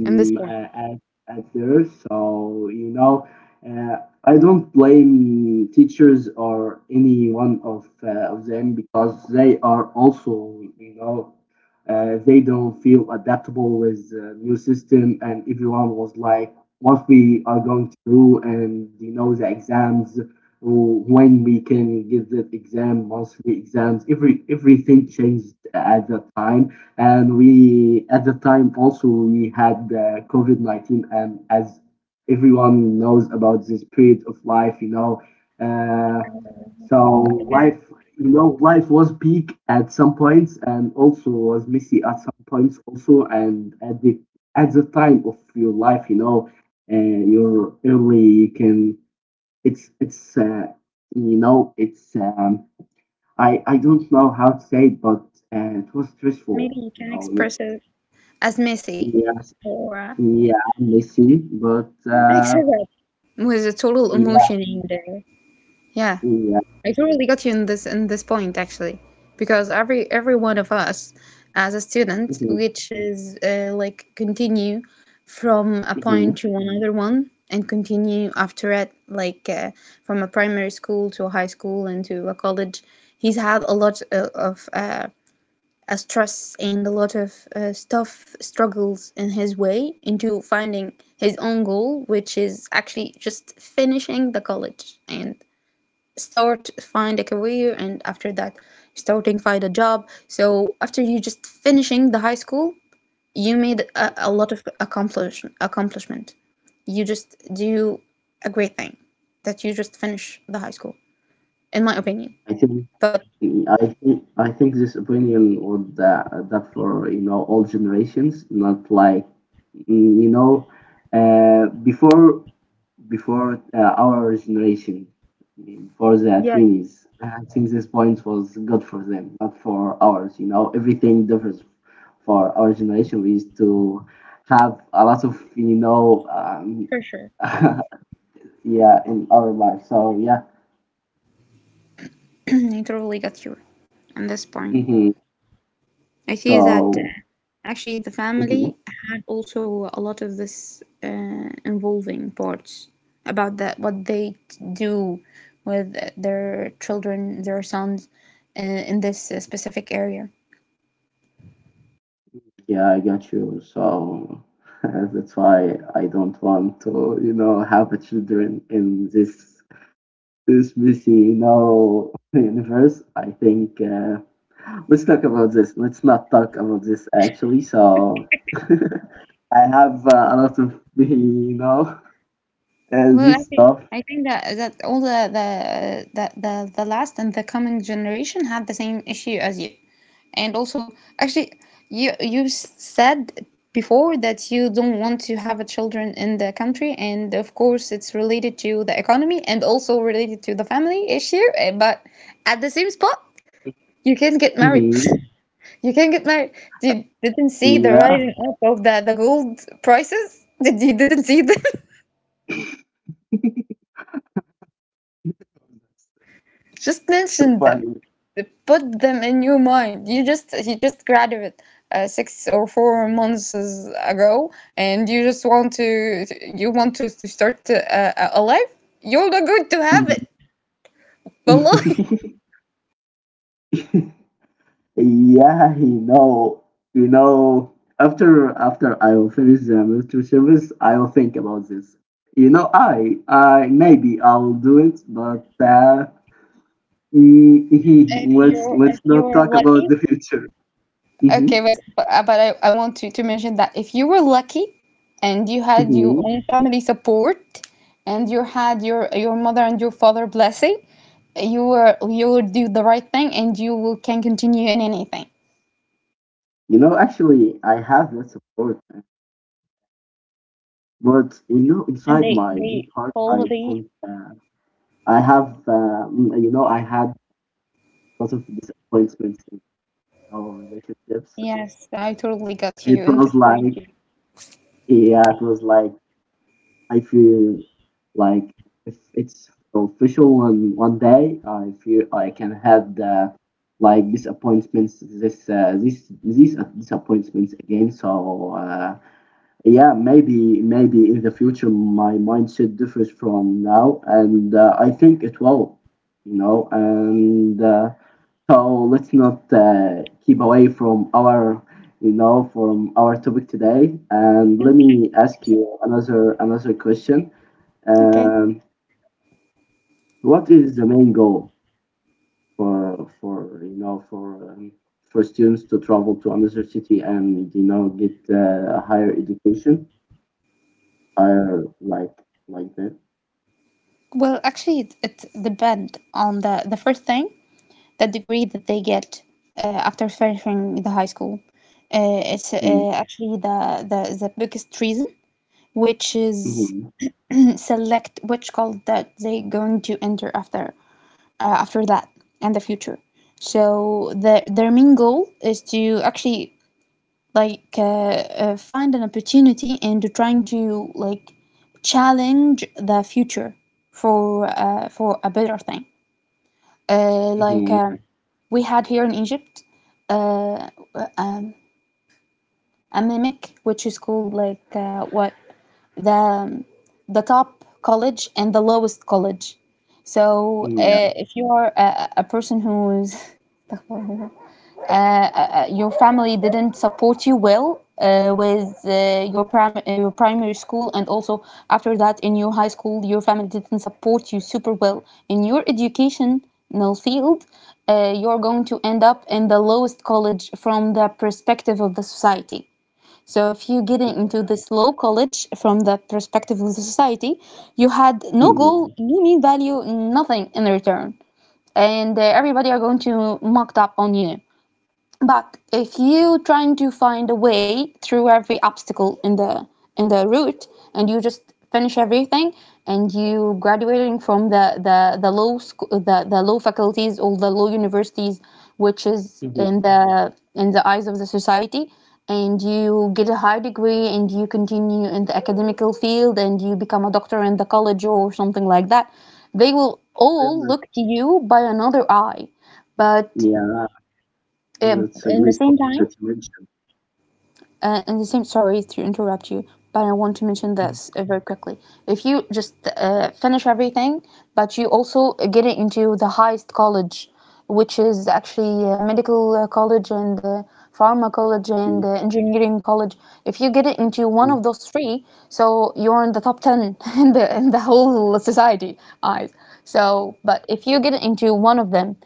in this point. At there. So, uh, I don't blame teachers or any one of, them because they are also, they don't feel adaptable with the new system, and everyone was like, what we are going to do, and the exams, when we can give the exam, monthly exams. Everything changed at that time, and we at the time also, we had covid-19, and as everyone knows about this period of life, uh, so life you know life was peak at some points, and also was messy at some points also. And at the time of your life, you're early, you can. It's, it's, I don't know how to say it, but it was Maybe stressful. you can express it as messy, Yes, or yeah, I'm messy, but mix it up with a total yeah, emotion in there. Yeah. yeah. I totally got you in this point actually, because every one of us as a student, Mhm, which is like continue from a mhm. point to another one and continue after it, like from a primary school to a high school and to a college, he's had a lot of a stress and a lot of stuff struggles in his way into finding his own goal, which is actually just finishing the college and start find a career, and after that starting find a job. So after you just finishing the high school, you made a lot of accomplishment. You just do a great thing that you just finish the high school, in my opinion. I think But I think this opinion would adapt for all generations, not like mm, you know uh, before before our generation, before the yeah, twenties. I think this point was good for them, not for ours. Everything differs for our generation. We used to have a lot of, for sure. yeah, in our life. So, yeah. I totally got you on this point. Hmm. I see that So. actually the Mhm. family had also a lot of this involving parts about that what they do with their children, their sons, uh, in this specific area. Yeah, I got you. So. That's why I don't want to, have a children in this busy now universe, I think. Let's talk about this. Let's not talk about this actually. So, I have a lot of, Well, I this think stuff. I think that all the last and the coming generation had the same issue as you, and also actually you said before that you don't want to have a children in the country, and of course it's related to the economy and also related to the family issue, eh, but at the same spot you can get married. Mhm. You can get married. Did didn't see the Yeah, rising up of the gold prices? Did you didn't see them? Just mention them. funny. Put them in your mind. You just he just graduated 6 or 4 months ago, and you just want to to start a life. You're not going to have it. Mhm. But Yeah, you know. After I will finish the military service, I will think about this. I maybe I'll do it, but mm, If mhm. Let's you let's if you not are talk about lucky. the future. Hmm. Okay, but I want to mention that if you were lucky and you had your Hmm. own family support and you had your mother and your father blessing, you will do the right thing and you will can continue in anything. Actually, I have that support. But And inside they my they deep heart, I totally don't. I have, mm, you know, I had lots of disappointments in our relationships. yes, I totally got It you in the was point like, you. yeah, it was like I feel like, if it's official one day, I feel I can have the, like, disappointments, this this these disappointments again. So, yeah, maybe in the future my mindset differs from now, and I think it will. And, so let's not keep away from our you know from our topic today. And Mm, let me ask you another question. okay. Um, what is the main goal for you know for students to travel to another city and get a higher education, higher, like that? Well, actually, it depend on the first thing that degree that they get after finishing the high school. It's Hmm. Actually the biggest reason, which is Hmm. select which college that they going to enter after that and the future. So their main goal is to actually like find an opportunity and trying to like challenge the future for a better thing. Uh, like Hmm. Hmm. um, we had here in Egypt a mimic, which is called like what the um, the top college and the lowest college. So Yeah. If you are a person who's your family didn't support you well with your your primary school, and also after that in your high school your family didn't support you super well in your educational field, you're going to end up in the lowest college from the perspective of the society. So if you get into this law college from the perspective of the society, you had no Mm-hmm. goal, no mean value, nothing in return, and everybody are going to mock up on you. But if you trying to find a way through every obstacle in the route, and you just finish everything and you graduating from the law school, the law faculties or the, law universities, which is Hmm. In the eyes of the society, and you get a high degree and you continue in the academical field and you become a doctor in the college or something like that, they will all Hmm. look to you by another eye. But Yeah, that's a in the great same point time, that you mentioned. And the same, sorry to interrupt you, but I want to mention Mhm. this very quickly. If you just finish everything, but you also get it into the highest college, which is actually medical college and pharma college and engineering college. If you get it into one Mhm. of those three, so you're in the top 10 in in the whole society eyes. So, but if you get it into one of them,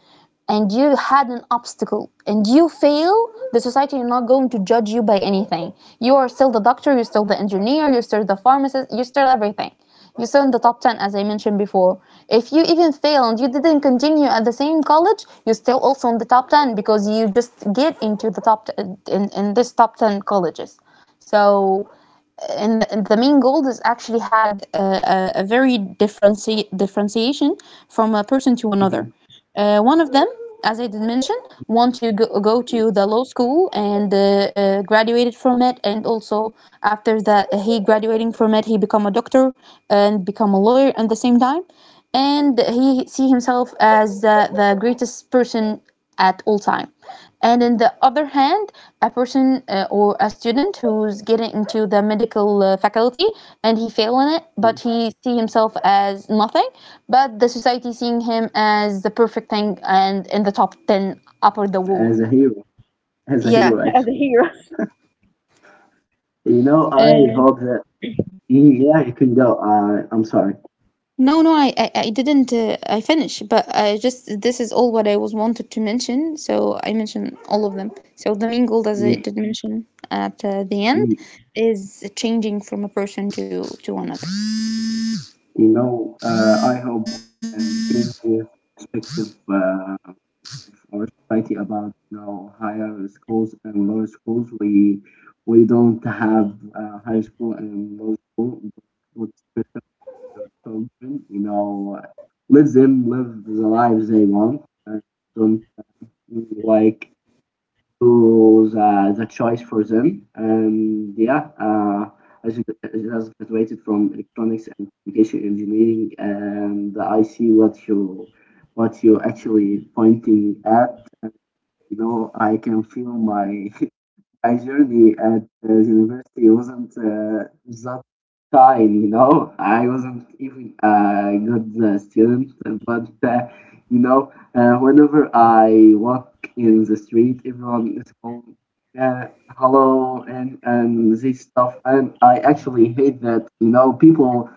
and you had an obstacle and you fail, the society is not going to judge you by anything. You are still the doctor, you're still the engineer, you're still the pharmacist, you're still everything. You're still in the top 10, as I mentioned before. If you even fail and you didn't continue at the same college, you're still also in the top 10 because you just get into the top, in this top 10 colleges. So and the main gold is actually had a very differentiation from a person to another. Mhm. One of them, as I did mention, want to go to the law school and graduated from it, and also after that he graduating from it, he become a doctor and become a lawyer at the same time, and he see himself as the greatest person at all time, and on the other hand a person or a student who's getting into the medical faculty and he fail in it Mhm. but he see himself as nothing, but the society seeing him as the perfect thing and in the top 10 upper the world. As a hero, as a Yeah, hero, as a actually. hero. I Uh, hope that. Mm. Yeah, you can go. I'm sorry. No, no, I didn't. I finish, but I just this is all what I was wanted to mention. So I mentioned all of them. So the main goal, as I Mm. did mention at the end, Mm. is changing from a person to another. I hope and change the perspective of our society about, higher schools and lower schools. We don't have high school and lower school, but especially the children. Let them live the lives they want. And don't, like, to the choice for them. And yeah, I I just graduated from electronics and communication engineering, and I see what you actually pointing at. I can feel my my journey at university wasn't that kind. I wasn't even a good student, but whenever I walk in the street, everyone is calling, uh, hello, and this stuff, and I actually hate that. People,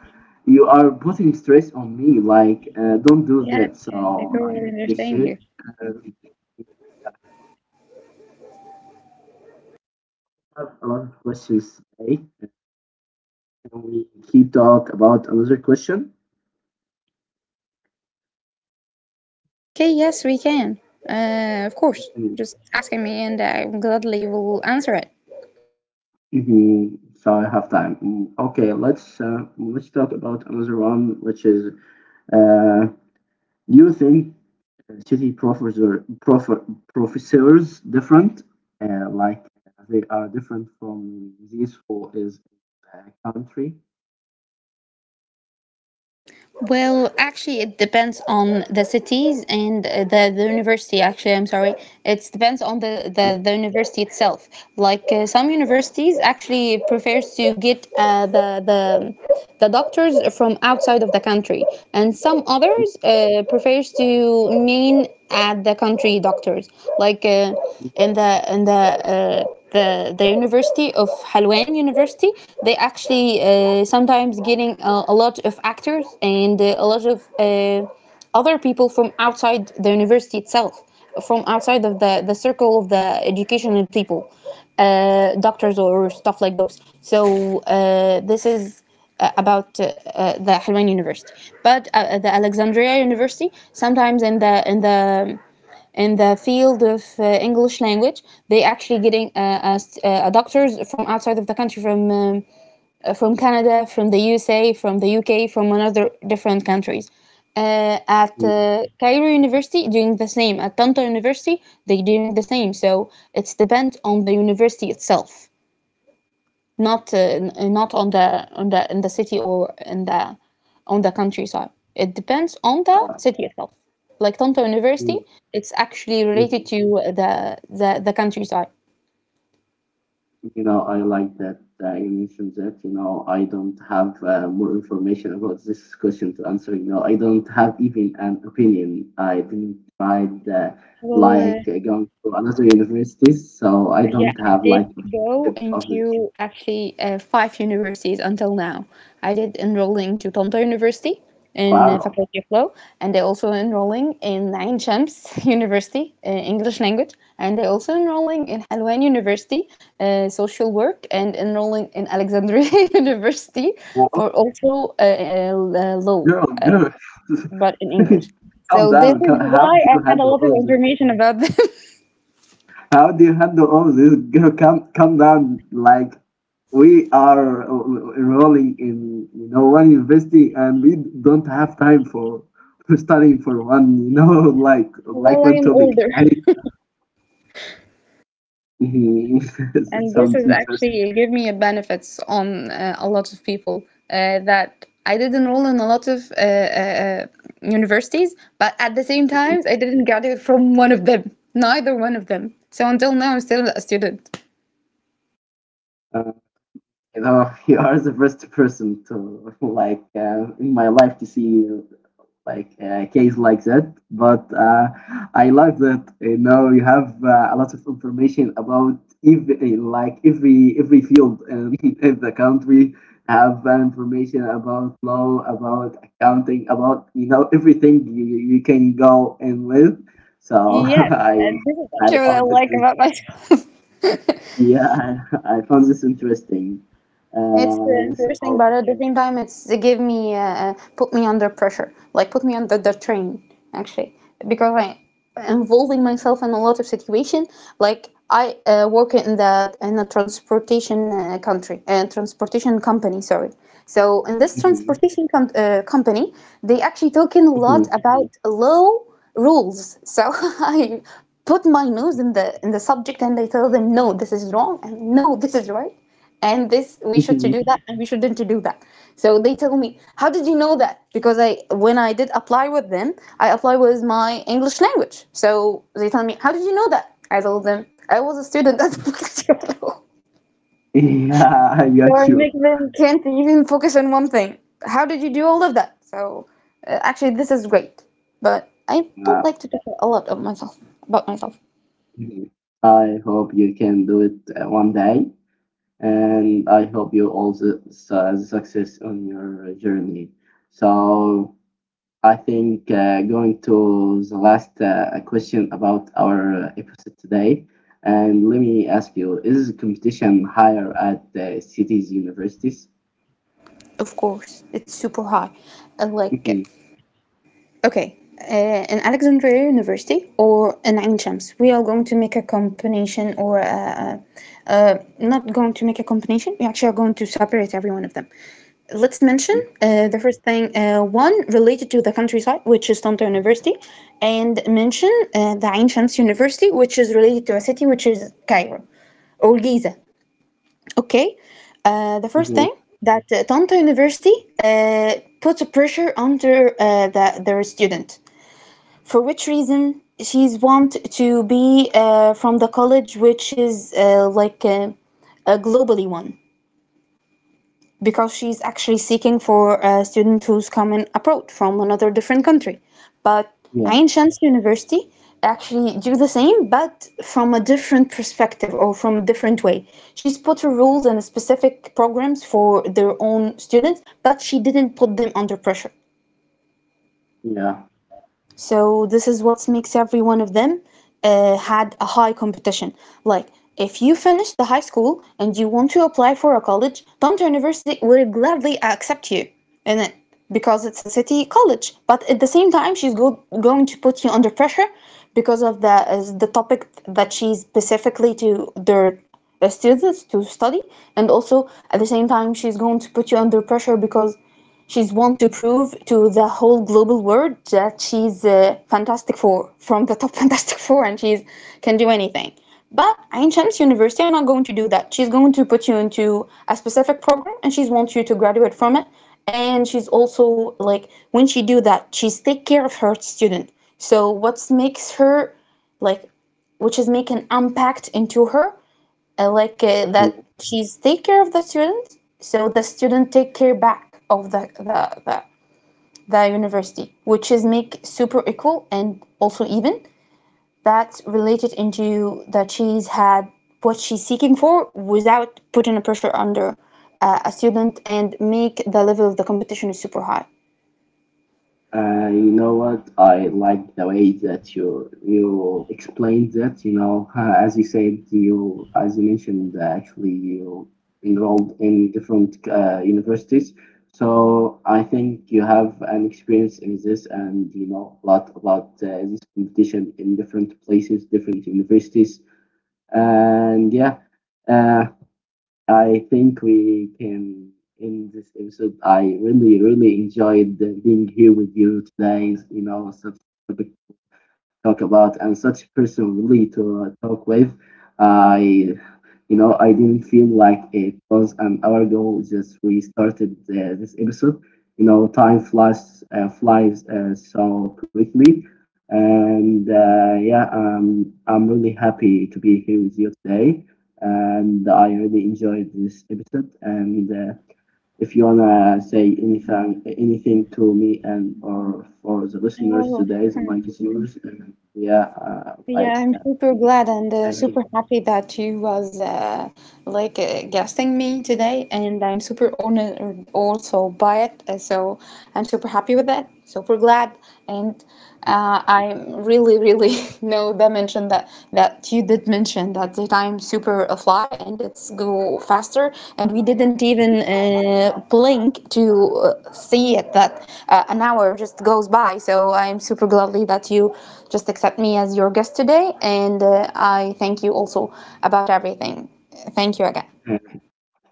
you are putting stress on me, like, don't do Yeah, that. I So I totally hate this understand shit. you. Um, I have a lot of questions today. Can we keep talk about another question? Okay, yes, we can. Of course. Mhm. Just asking me, and I gladly will answer it. Mhm. So I have time. Mm. Okay, let's talk about another one, which is, uh, do you think city, professors different, like they are different from these who is in the country? Well, actually, it depends on the cities and the university. Actually, I'm sorry. It depends on the, the university itself. Like some universities actually prefers to get the doctors from outside of the country, and some others prefers to main at the country doctors. Like in the University of Halwan University, they actually sometimes getting a lot of actors and a lot of other people from outside the university itself, from outside of the circle of the educational people, doctors or stuff like those. So this is about the Halwan University, but the Alexandria University sometimes in the in the field of English language. They actually getting uh, doctors from outside of the country, from Canada, from the USA, from the UK, from another different countries. At Mhm. Cairo University, doing the same. At Tanta University, they doing the same. So it's depend on the university itself, not not on the in the city or in the on the countryside. It depends on the Uh, city itself. Like Toronto University, it's actually mhm. related to the the countryside. I like that you mentioned that. I don't have more information about this question to answer. I don't have even an opinion. I didn't try the, Well, uh, like, going to another universities, so I Yeah, don't I have, did like, a go perspective of this. into actually five universities until now. I did enrolling to Tomto University in Wow. Faculty of Law, and I also enrolling in Ain Shams University, English language, and I also enrolling in Halwan University, social work, and enrolling in Alexandria University Well, for also law, girl, girl, but in English. calm So this down. is How why do I you had a handle lot of all this? information about them. How do you handle all this? Girl, come down. Like, we are enrolling in, one university, and we don't have time for studying for one. Like Well, I one am topic. older. I. It And this sounds is interesting. actually give me a benefits on a lot of people that I did enroll in a lot of universities, but at the same time, I didn't graduate from one of them, neither one of them. So until now, I'm still a student. Uh, you are the first person to, like, in my life to see, like, a case like that. But I love that you have a lot of information about every, every field in, in the country. Have information about law, about accounting, about everything you can go in with. So, Yes, I and this is I actually what I found like about myself. yeah, I found this interesting. It's Uh, interesting, so but at the same time, it give me put me under pressure, like put me under the train actually, because I involving myself in a lot of situation. Like I work in the in a transportation country, transportation company, sorry. So in this Mhm, company, they actually talking a lot mhm, about low rules. So I put my nose in the subject, and I tell them no, this is wrong, and no, this is right, and this we should to mhm. do that and we shouldn't to do that. So they tell me how did you know that, because I when I did apply with them I apply with my English language. So they tell me how did you know that. I told them I was a student at Focaccia." So Yeah, I I got you. make them can't even focus on one thing, how did you do all of that. So actually this is great, but I Uh, don't like to talk a lot of myself about myself. Mhm. I hope you can do it one day, and I hope you also success on your journey. So I think going to the last question about our episode today, and let me ask you: Is competition higher at the cities universities? Of course it's super high, and like Mhm. okay, in Alexandria University or in Ain Shams, we are going to make a combination or not going to make a combination. We actually are going to separate every one of them. Let's mention the first thing, one related to the countryside, which is Tanta University, and mention the Ain Shams University, which is related to a city, which is Cairo or Giza. Okay, the first Mhm. thing that Tanta University uh, puts a pressure under the, their student for which reason she's want to be from the college, which is like a globally one, because she's actually seeking for a student who's coming abroad from another different country. But Yeah, Ain Shams University actually do the same, but from a different perspective or from a different way. She's put her rules and specific programs for their own students but she didn't put them under pressure. yeah. So this is what makes every one of them had a high competition. Like if you finish the high school and you want to apply for a college, Toronto University will gladly accept you in it, because it's a city college. But at the same time, going to put you under pressure because of the as the topic that she's specifically to their students to study, and also at the same time, she's going to put you under pressure because she's want to prove to the whole global world that she's a Fantastic Four from the top Fantastic Four, and she's can do anything. But Ain Shams University are not going to do that. She's going to put you into a specific program and she's wants you to graduate from it. And she's also, like, when she do that, she's take care of her student. So what makes her like, which is make an impact into her, I like that Mm-hmm. she's take care of the students, so the student take care back of the, the, the the university, which is make super equal and also even. That's related into that she's had what she's seeking for without putting a pressure under a student and make the level of the competition is super high. You know what? I like the way that you explained that. As you said, you as you mentioned, actually you enrolled in different universities. So I think you have an experience in this, and you know a lot about this competition in different places, different universities, and yeah. Uh, I think we can end this episode. I really, really enjoyed being here with you today. You in our subtopic talk about, and such person really to talk with. I, I didn't feel like it was an hour ago. Just we started this episode. Time flies flies so quickly, and yeah, I'm really happy to be here with you today, and I really enjoyed this episode and. If you wanna say anything to me, and or for the listeners today, the mic is yours. And yeah, like, Yeah, I'm super glad and thank you. super happy that you was like guesting me today, and I'm super honored also by it. So I'm super happy with that, super glad, and I'm really, really no dimension that you did mention that the time super fly, and it's go faster. And we didn't even blink to see it that an hour just goes by. So I'm super gladly that you just accept me as your guest today, and I thank you also about everything. Thank you again. Uh,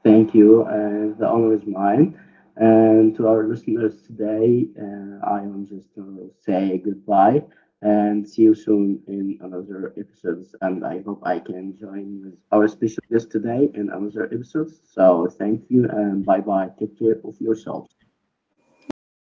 Thank you, and the honor is mine. And to our listeners today, I am just to say goodbye and see you soon in another episodes. And I hope I can join with our special guest today in another episode. So thank you and bye bye. Take care of yourself. Okay, you